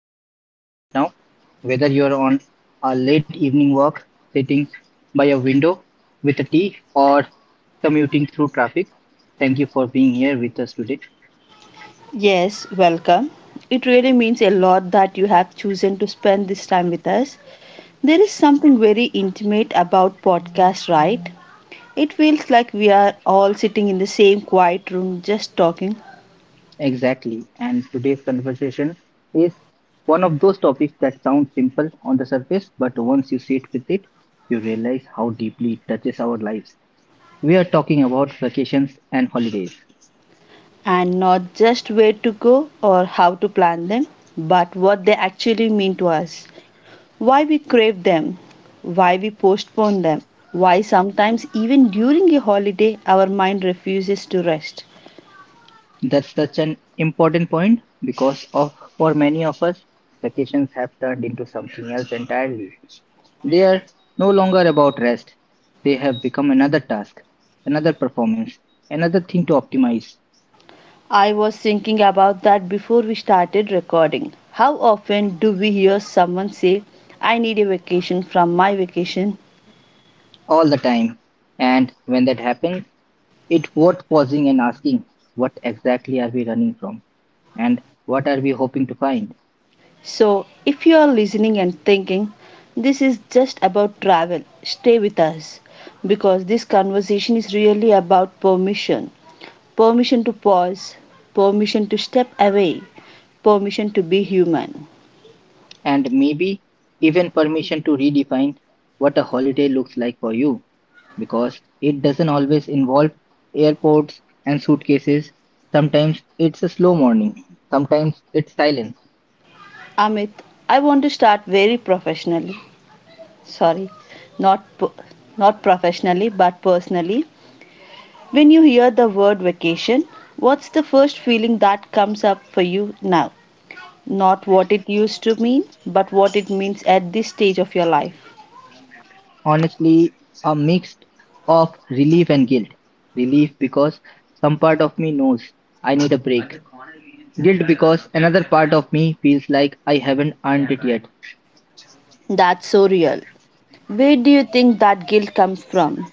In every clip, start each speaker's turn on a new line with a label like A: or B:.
A: you're listening from right now. Whether you're on a late evening walk, sitting by a window with a tea, or commuting through traffic, thank you for being here with us today.
B: Yes, welcome. It really means a lot that you have chosen to spend this time with us. There is something very intimate about podcast, right? It feels like we are all sitting in the same quiet room just talking
A: Exactly, and today's conversation is one of those topics that sounds simple on the surface, but once you sit with it, you realize how deeply it touches our lives. We are talking about vacations and holidays.
B: and not just where to go or how to plan them, but what they actually mean to us. Why we crave them, why we postpone them, why sometimes even during a holiday our mind refuses to rest.
A: That's such an important point because of for many of us, vacations have turned into something else entirely. They are no longer about rest. They have become another task, another performance, another thing to optimize
B: I was thinking about that before we started recording. How often do we hear someone say, I need a vacation from my vacation?
A: all the time. And when that happens, it's worth pausing and asking, what exactly are we running from? And what are we hoping to find?
B: So, if you are listening and thinking, this is just about travel, stay with us because this conversation is really about permission permission to pause, permission to step away, permission to be human.
A: And maybe even permission to redefine what a holiday looks like for you. Because it doesn't always involve airports and suitcases. Sometimes it's a slow morning, sometimes it's silence.
B: Amit, I want to start very professionally. Sorry, not not professionally but personally. When you hear the word vacation, what's the first feeling that comes up for you now? Not what it used to mean, but what it means at this stage of your life.
A: Honestly, a mix of relief and guilt. Relief because some part of me knows I need a break. Guilt because another part of me feels like I haven't earned it yet.
B: That's so real. Where do you think that guilt comes from?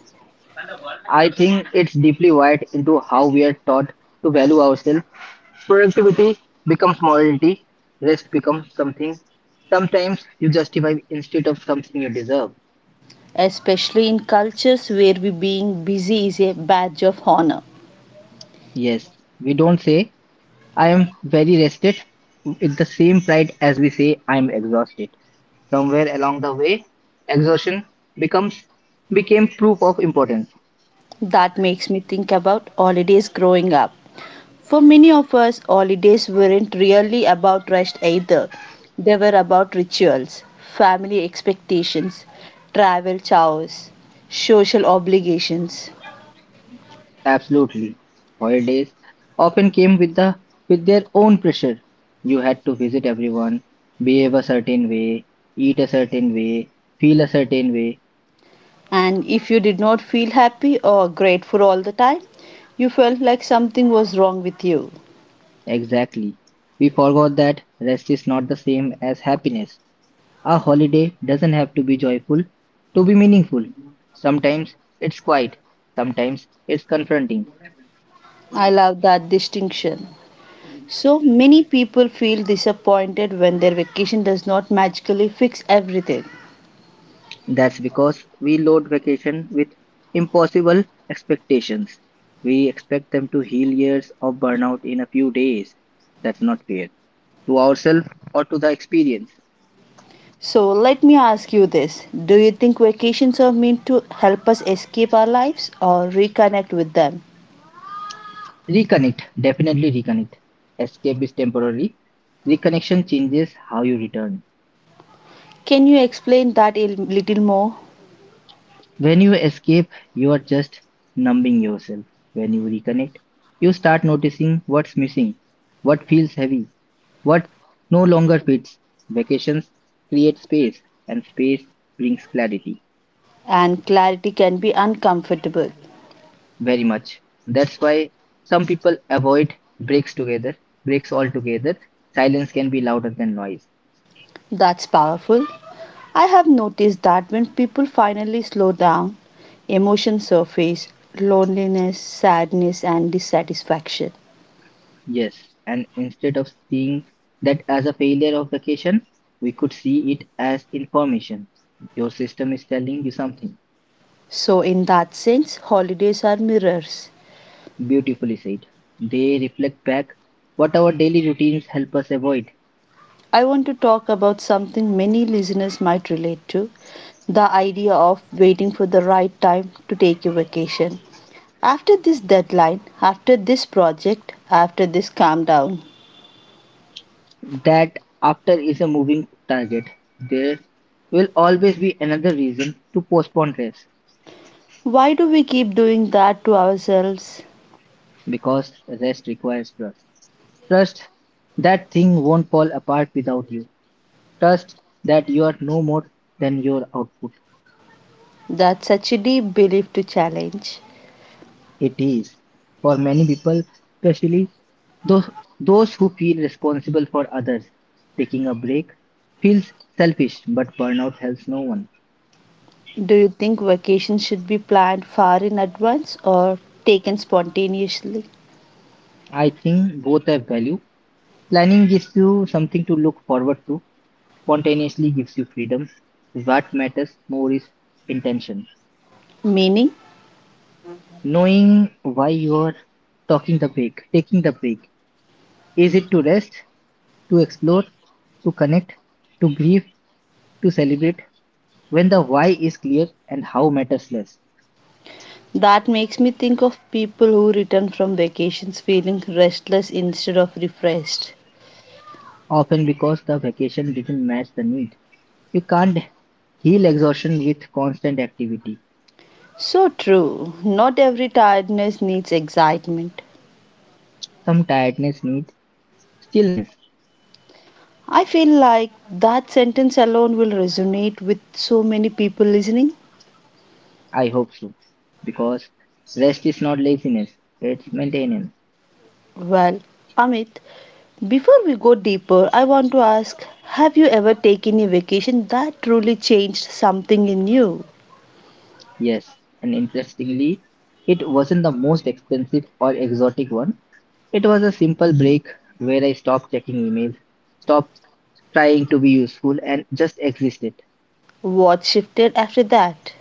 A: I think it's deeply wired into how we are taught to value ourselves. Productivity becomes morality, rest becomes something sometimes you justify instead of something you deserve.
B: Especially in cultures where we being busy is a badge of honor.
A: Yes, we don't say, I am very rested with the same pride as we say, I am exhausted. Somewhere along the way, exhaustion becomes became proof of importance.
B: That makes me think about holidays growing up. For many of us, holidays weren't really about rest either. They were about rituals, family expectations, travel chores, social obligations.
A: Absolutely. Holidays often came with their own pressure. You had to visit everyone, behave a certain way, eat a certain way, feel a certain way.
B: And if you did not feel happy or grateful all the time, you felt like something was wrong with you.
A: Exactly. We forgot that rest is not the same as happiness. A holiday doesn't have to be joyful to be meaningful. Sometimes it's quiet, sometimes it's confronting.
B: I love that distinction. So many people feel disappointed when their vacation does not magically fix everything.
A: That's because we load vacation with impossible expectations. We expect them to heal years of burnout in a few days. That's not fair to ourselves or to the experience.
B: So let me ask you this: do you think vacations are meant to help us escape our lives or reconnect with them?
A: Reconnect, definitely reconnect. Escape is temporary. Reconnection changes how you return.
B: Can you explain that a little more?
A: When you escape, you are just numbing yourself. When you reconnect, you start noticing what's missing, what feels heavy, what no longer fits. Vacations create space, and space brings clarity.
B: And clarity can be uncomfortable.
A: Very much. That's why some people avoid breaks together, breaks altogether. Silence can be louder than noise.
B: That's powerful. I have noticed that when people finally slow down, emotions surface loneliness, sadness, and dissatisfaction.
A: Yes, and instead of seeing that as a failure of vacation, we could see it as information. Your system is telling you something.
B: So, in that sense, holidays are mirrors.
A: Beautifully said. They reflect back what our daily routines help us avoid.
B: I want to talk about something many listeners might relate to the idea of waiting for the right time to take a vacation. After this deadline, after this project, after this calm down.
A: That after is a moving target. There will always be another reason to postpone rest,
B: Why do we keep doing that to ourselves?
A: because rest requires trust. Trust that thing won't fall apart without you. Trust that you are no more than your output.
B: That's such a deep belief to challenge.
A: It is for many people, especially those those who feel responsible for others. Taking a break feels selfish, but burnout helps no one.
B: Do you think vacations should be planned far in advance or taken spontaneously?
A: I think both have value. Planning gives you something to look forward to. Spontaneously gives you freedom. What matters more is intention.
B: Meaning,
A: Knowing why you are taking the break. Is it to rest, to explore, to connect, to grieve, to celebrate? When the why is clear and how matters less,
B: that makes me think of people who return from vacations feeling restless instead of refreshed.
A: often because the vacation didn't match the need. You can't heal exhaustion with constant activity.
B: So true. Not every tiredness needs excitement.
A: Some tiredness needs stillness.
B: I feel like that sentence alone will resonate with so many people listening.
A: I hope so. Because rest is not laziness, it's maintenance.
B: Well, Amit, before we go deeper, I want to ask: have you ever taken a vacation that truly changed something in you?
A: Yes, and interestingly, it wasn't the most expensive or exotic one. It was a simple break where I stopped checking emails, stopped trying to be useful, and just existed.
B: What shifted after that?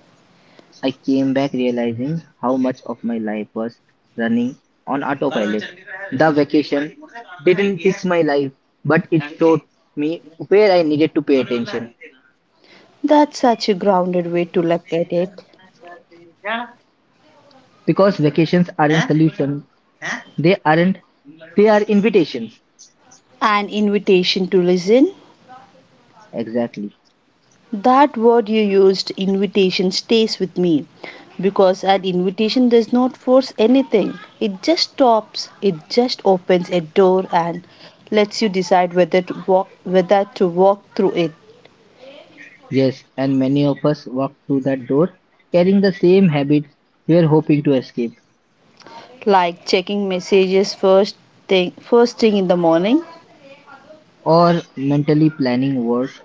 A: I came back realizing how much of my life was running on autopilot. The vacation didn't fix my life, but it showed me where I needed to pay attention.
B: That's such a grounded way to look at it.
A: Because vacations aren't solution, they aren't they are invitations.
B: An invitation to listen.
A: Exactly.
B: That word you used, invitation, stays with me because an invitation does not force anything. It just stops, it just opens a door and lets you decide whether to walk through it.
A: Yes, and many of us walk through that door carrying the same habits we are hoping to escape.
B: Like checking messages first thing in the morning.
A: Or mentally planning words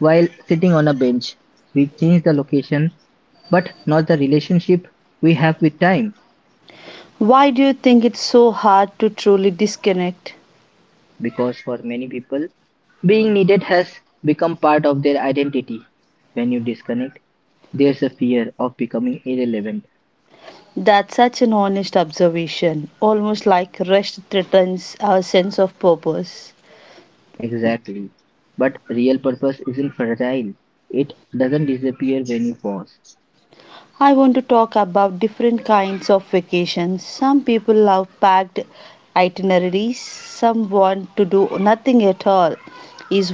A: while sitting on a bench. We change the location, but not the relationship we have with time,
B: Why do you think it's so hard to truly disconnect?
A: because for many people, being needed has become part of their identity. When you disconnect, there's a fear of becoming irrelevant.
B: That's such an honest observation, almost like rest threatens our sense of purpose.
A: Exactly. But real purpose isn't fragile, it doesn't disappear when you pause.
B: I want to talk about different kinds of vacations. Some people love packed itineraries, some want to do nothing at all. Is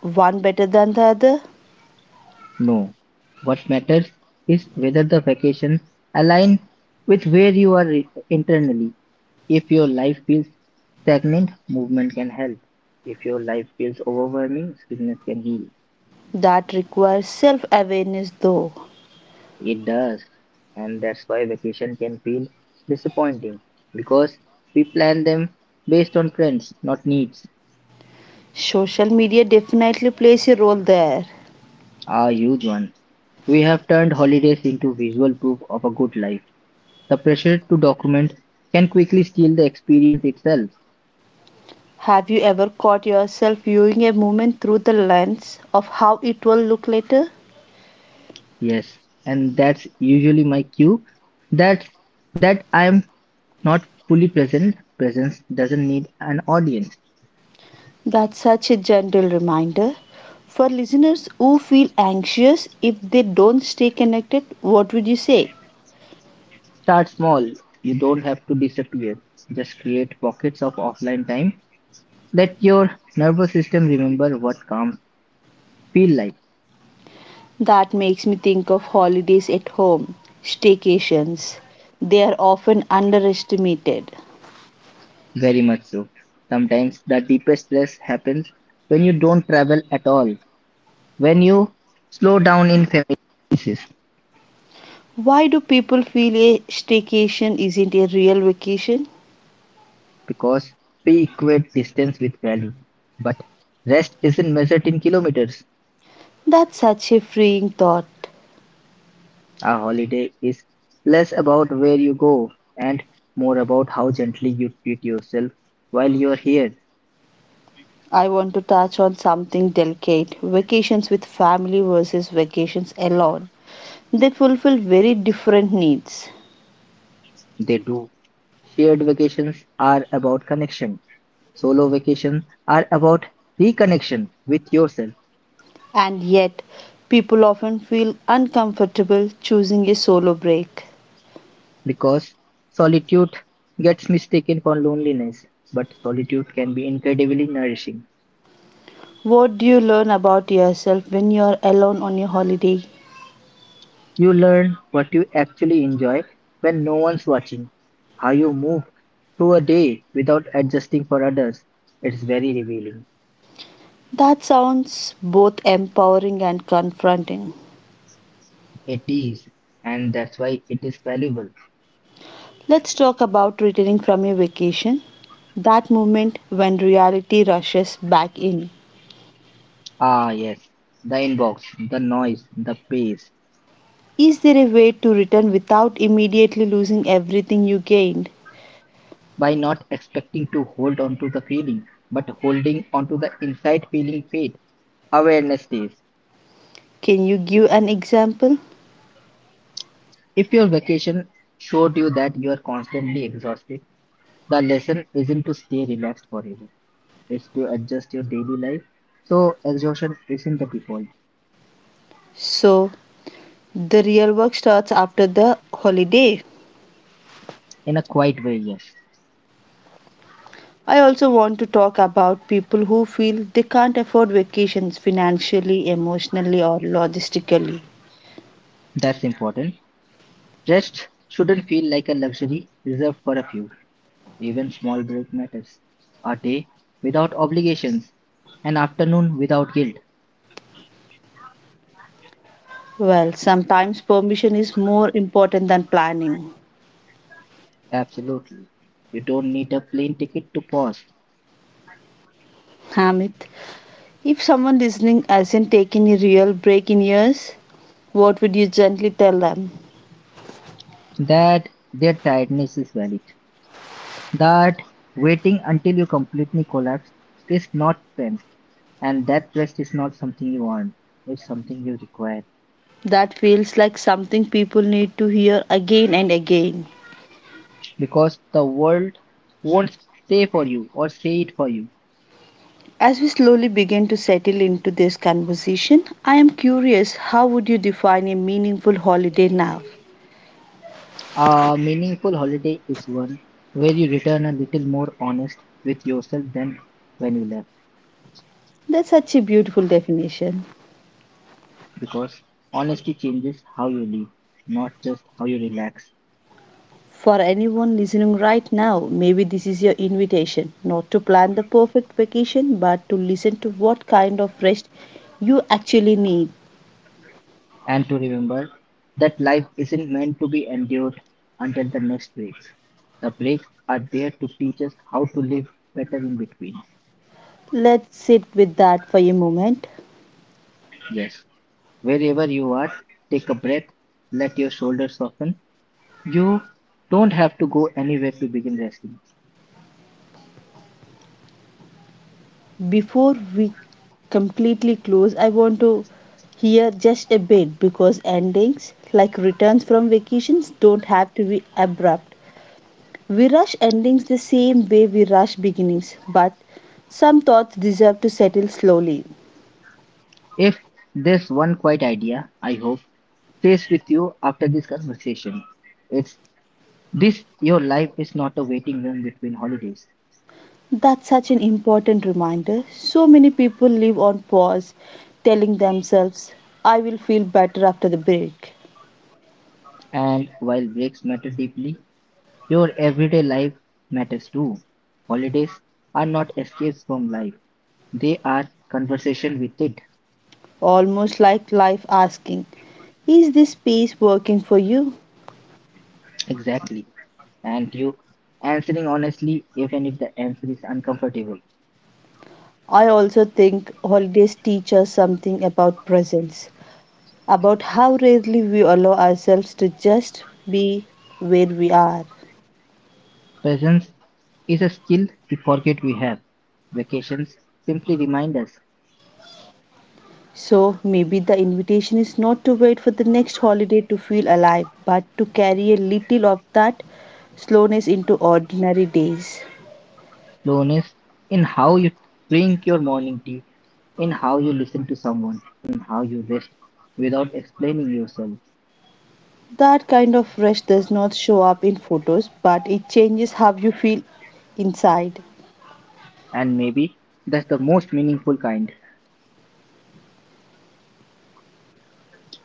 B: one better than the other?
A: No. What matters is whether the vacation aligns with where you are re- internally. If your life feels stagnant, movement can help. If your life feels overwhelming, stillness can heal.
B: That requires self awareness, though.
A: It does. And that's why vacation can feel disappointing because we plan them based on trends, not needs.
B: Social media definitely plays a role there.
A: A huge one. We have turned holidays into visual proof of a good life. The pressure to document can quickly steal the experience itself.
B: Have you ever caught yourself viewing a moment through the lens of how it will look later?
A: Yes, and that's usually my cue. That's that I am not fully present. Presence doesn't need an audience.
B: That's such a gentle reminder. For listeners who feel anxious if they don't stay connected, what would you say?
A: Start small. You don't have to disappear. Just create pockets of offline time. Let your nervous system remember what calm feel like.
B: That makes me think of holidays at home, staycations. They are often underestimated.
A: Very much so. Sometimes the deepest stress happens when you don't travel at all. When you slow down in familiar places.
B: Why do people feel a staycation isn't a real vacation?
A: Because we equate distance with value. But rest isn't measured in kilometers.
B: That's such a freeing thought.
A: A holiday is less about where you go and more about how gently you treat yourself while you're here.
B: I want to touch on something delicate: vacations with family versus vacations alone. They fulfill very different needs.
A: They do. Shared vacations are about connection. Solo vacations are about reconnection with yourself
B: And yet, people often feel uncomfortable choosing a solo break.
A: because solitude gets mistaken for loneliness, but solitude can be incredibly nourishing.
B: What do you learn about yourself when you're alone on your holiday?
A: You learn what you actually enjoy when no one's watching, how you move through a day without adjusting for others. It's very revealing.
B: That sounds both empowering and confronting.
A: It is, and that's why it is valuable.
B: Let's talk about returning from your vacation. That moment when reality rushes back in.
A: Ah, yes, the inbox, the noise, the pace.
B: Is there a way to return without immediately losing everything you gained?
A: By not expecting to hold on to the feeling, but holding on to the inside feeling fade. Awareness days.
B: Can you give an example?
A: If your vacation showed you that you are constantly exhausted, the lesson isn't to stay relaxed forever. Is to adjust your daily life. So exhaustion isn't the default.
B: So, the real work starts after the holiday.
A: In a quiet way, yes.
B: I also want to talk about people who feel they can't afford vacations financially, emotionally, or logistically.
A: That's important. Rest shouldn't feel like a luxury reserved for a few. Even small break matters. A day without obligations. An afternoon without guilt.
B: Well, sometimes permission is more important than planning.
A: Absolutely. You don't need a plane ticket to pause.
B: Hamid, if someone listening hasn't taken a real break in years, what would you gently tell them?
A: That their tiredness is valid. That waiting until you completely collapse is not strength. And that rest is not something you want. It's something you require.
B: That feels like something people need to hear again and again.
A: Because the world won't stay for you or say it for you.
B: As we slowly begin to settle into this conversation, I am curious: how would you define a meaningful holiday now?
A: A meaningful holiday is one where you return a little more honest with yourself than when you left,
B: That's such a beautiful definition.
A: because honesty changes how you live, not just how you relax.
B: For anyone listening right now, maybe this is your invitation not to plan the perfect vacation, but to listen to what kind of rest you actually need.
A: And to remember that life isn't meant to be endured until the next breaks. The breaks are there to teach us how to live better in between.
B: Let's sit with that for a moment.
A: Yes. Wherever you are, take a breath, let your shoulders soften. You don't have to go anywhere to begin wrestling.
B: Before we completely close, I want to hear just a bit, because endings, like returns from vacations, don't have to be abrupt. We rush endings the same way we rush beginnings, but some thoughts deserve to settle slowly.
A: If there's one quiet idea, I hope, stays with you after this conversation, it's this: your life is not a waiting room between holidays.
B: That's such an important reminder. So many people live on pause, telling themselves, I will feel better after the break.
A: And while breaks matter deeply, your everyday life matters too. Holidays are not escapes from life, they are conversation with it.
B: Almost like life asking, is this space working for you?
A: Exactly. And you answering honestly, even if the answer is uncomfortable.
B: I also think holidays teach us something about presence, about how rarely we allow ourselves to just be where we are.
A: Presence is a skill we forget we have. Vacations simply remind us
B: So maybe the invitation is not to wait for the next holiday to feel alive, but to carry a little of that slowness into ordinary days.
A: slowness in how you drink your morning tea, in how you listen to someone, in how you rest without explaining yourself.
B: That kind of rush does not show up in photos, but it changes how you feel inside.
A: And maybe that's the most meaningful kind.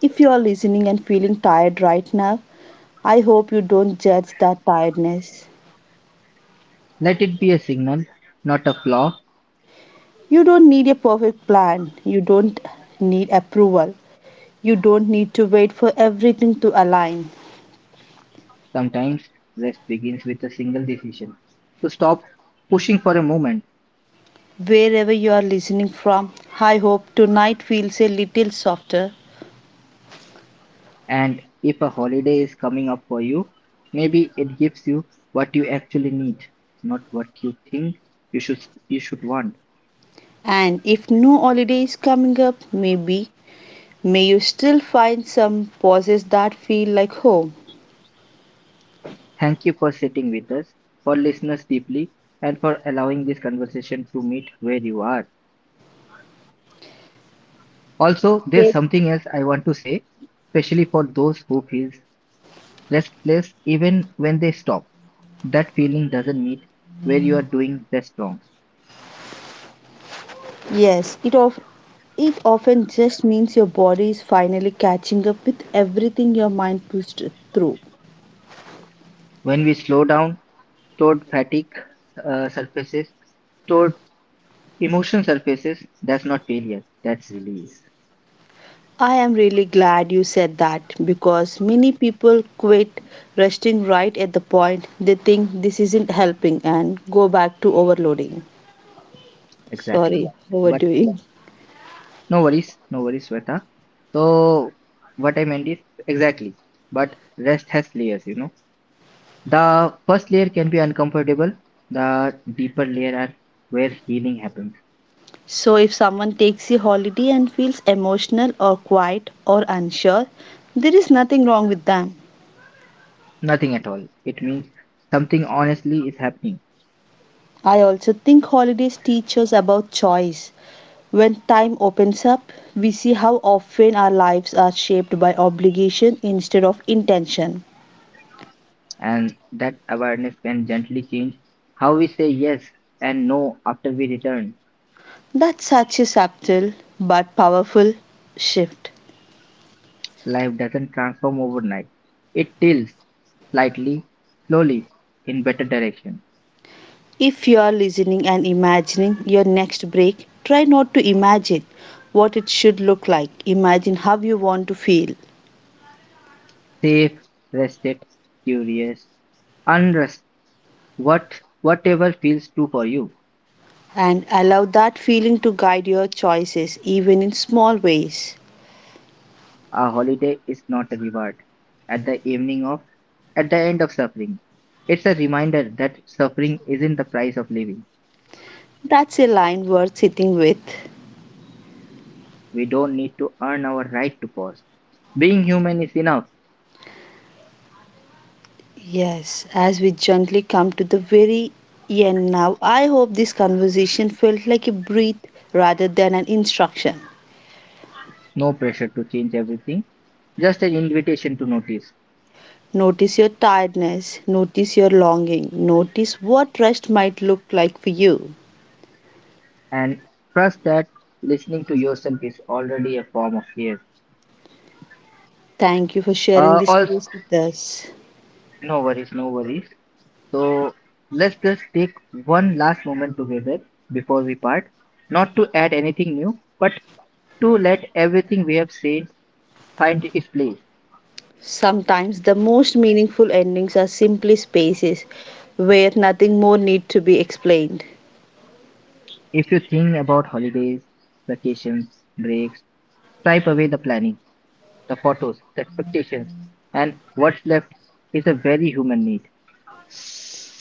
B: If you are listening and feeling tired right now, I hope you don't judge that tiredness.
A: Let it be a signal, not a flaw.
B: You don't need a perfect plan, you don't need approval, you don't need to wait for everything to align.
A: Sometimes rest begins with a single decision to stop pushing for a moment.
B: Wherever you are listening from, I hope tonight feels a little softer.
A: And if a holiday is coming up for you, maybe it gives you what you actually need, not what you think you should you should want.
B: And if no holiday is coming up, maybe, may you still find some pauses that feel like home.
A: Thank you for sitting with us, for listeners deeply, and for allowing this conversation to meet where you are. Also, there's
B: Take-
A: something else I want to say, especially for those who feel restless even when they stop, that feeling doesn't meet where you are doing less wrong.
B: Yes, it often just means your body is finally catching up with everything your mind pushed through.
A: When we slow down, stored fatigue surfaces, stored emotion surfaces. That's not failure. That's release.
B: I am really glad you said that because many people quit resting right at the point they think this isn't helping and go back to overloading.
A: Exactly.
B: Sorry,
A: But
B: overdoing.
A: no worries. No worries, Sweta. So what I meant is exactly. But rest has layers, you know. The first layer can be uncomfortable. The deeper layer are where healing happens.
B: So, if someone takes a holiday and feels emotional or quiet or unsure, there is nothing wrong with them.
A: Nothing at all. It means something honestly is happening.
B: I also think holidays teach us about choice. When time opens up, we see how often our lives are shaped by obligation instead of intention.
A: And that awareness can gently change how we say yes and no after we return.
B: That's such a subtle but powerful shift.
A: Life doesn't transform overnight. It tilts slightly, slowly, in better direction.
B: If you are listening and imagining your next break, try not to imagine what it should look like. Imagine how you want to feel
A: Safe, rested, curious, unrest, whatever feels true for you.
B: and allow that feeling to guide your choices, even in small ways.
A: A holiday is not a reward. At the evening of at the end of suffering. It's a reminder that suffering isn't the price of living.
B: That's a line worth sitting with.
A: We don't need to earn our right to pause. Being human is enough.
B: Yes, as we gently come to the very end now, I hope this conversation felt like a breath rather than an instruction.
A: No pressure to change everything. Just an invitation to notice.
B: Notice your tiredness, notice your longing, notice what rest might look like for you.
A: And trust that listening to yourself is already a form of care.
B: Thank you for sharing
A: Uh,
B: this
A: also,
B: space with us.
A: no worries, no worries. So let's just take one last moment together before we part, not to add anything new, but to let everything we have said find its place.
B: Sometimes the most meaningful endings are simply spaces where nothing more need to be explained.
A: If you think about holidays, vacations, breaks, stripe away the planning, the photos, the expectations, and what's left is a very human need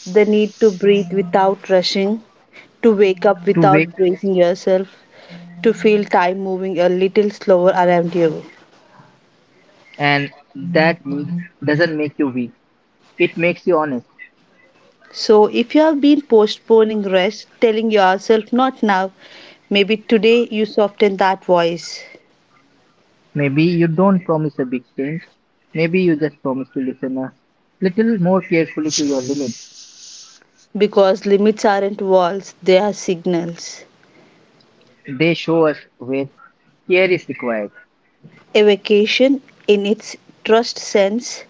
B: The need to breathe without rushing, to wake up
A: to wake.
B: without bracing yourself, to feel time moving a little slower around you.
A: And that myth doesn't make you weak, it makes you honest.
B: So, if you have been postponing rest, telling yourself not now, maybe today you soften that voice,
A: Maybe you don't promise a big change, maybe you just promise to listen a little more carefully to your limits.
B: because limits aren't walls, they are signals.
A: They show us where care is required
B: A vacation, in its trust sense,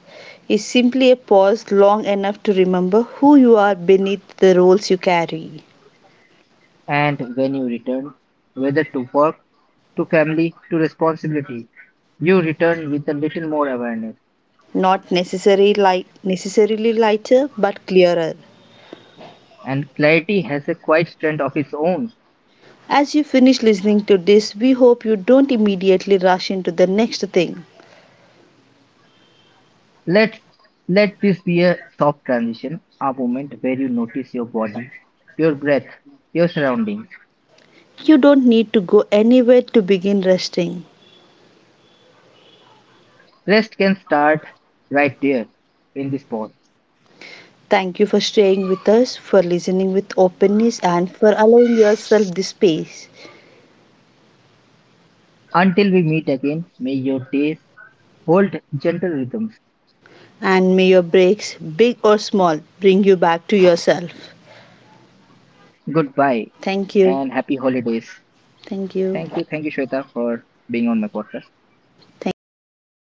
B: is simply a pause long enough to remember who you are beneath the roles you carry.
A: and when you return, whether to work, to family, to responsibility. You return with a little more awareness,
B: Not necessarily, light, Necessarily lighter, but clearer.
A: and clarity has a quiet strength of its own.
B: As you finish listening to this, we hope you don't immediately rush into the next thing.
A: Let's let this be a soft transition, a moment where you notice your body, your breath, your surroundings.
B: You don't need to go anywhere to begin resting.
A: Rest can start right there in this pause.
B: Thank you for staying with us, for listening with openness, and for allowing yourself this space.
A: Until we meet again, may your days hold gentle rhythms.
B: And may your breaks, big or small, bring you back to yourself.
A: Goodbye
B: Thank you.
A: and happy holidays.
B: Thank you.
A: Thank you, Shweta, for being on my podcast.
B: Thank you, Amit.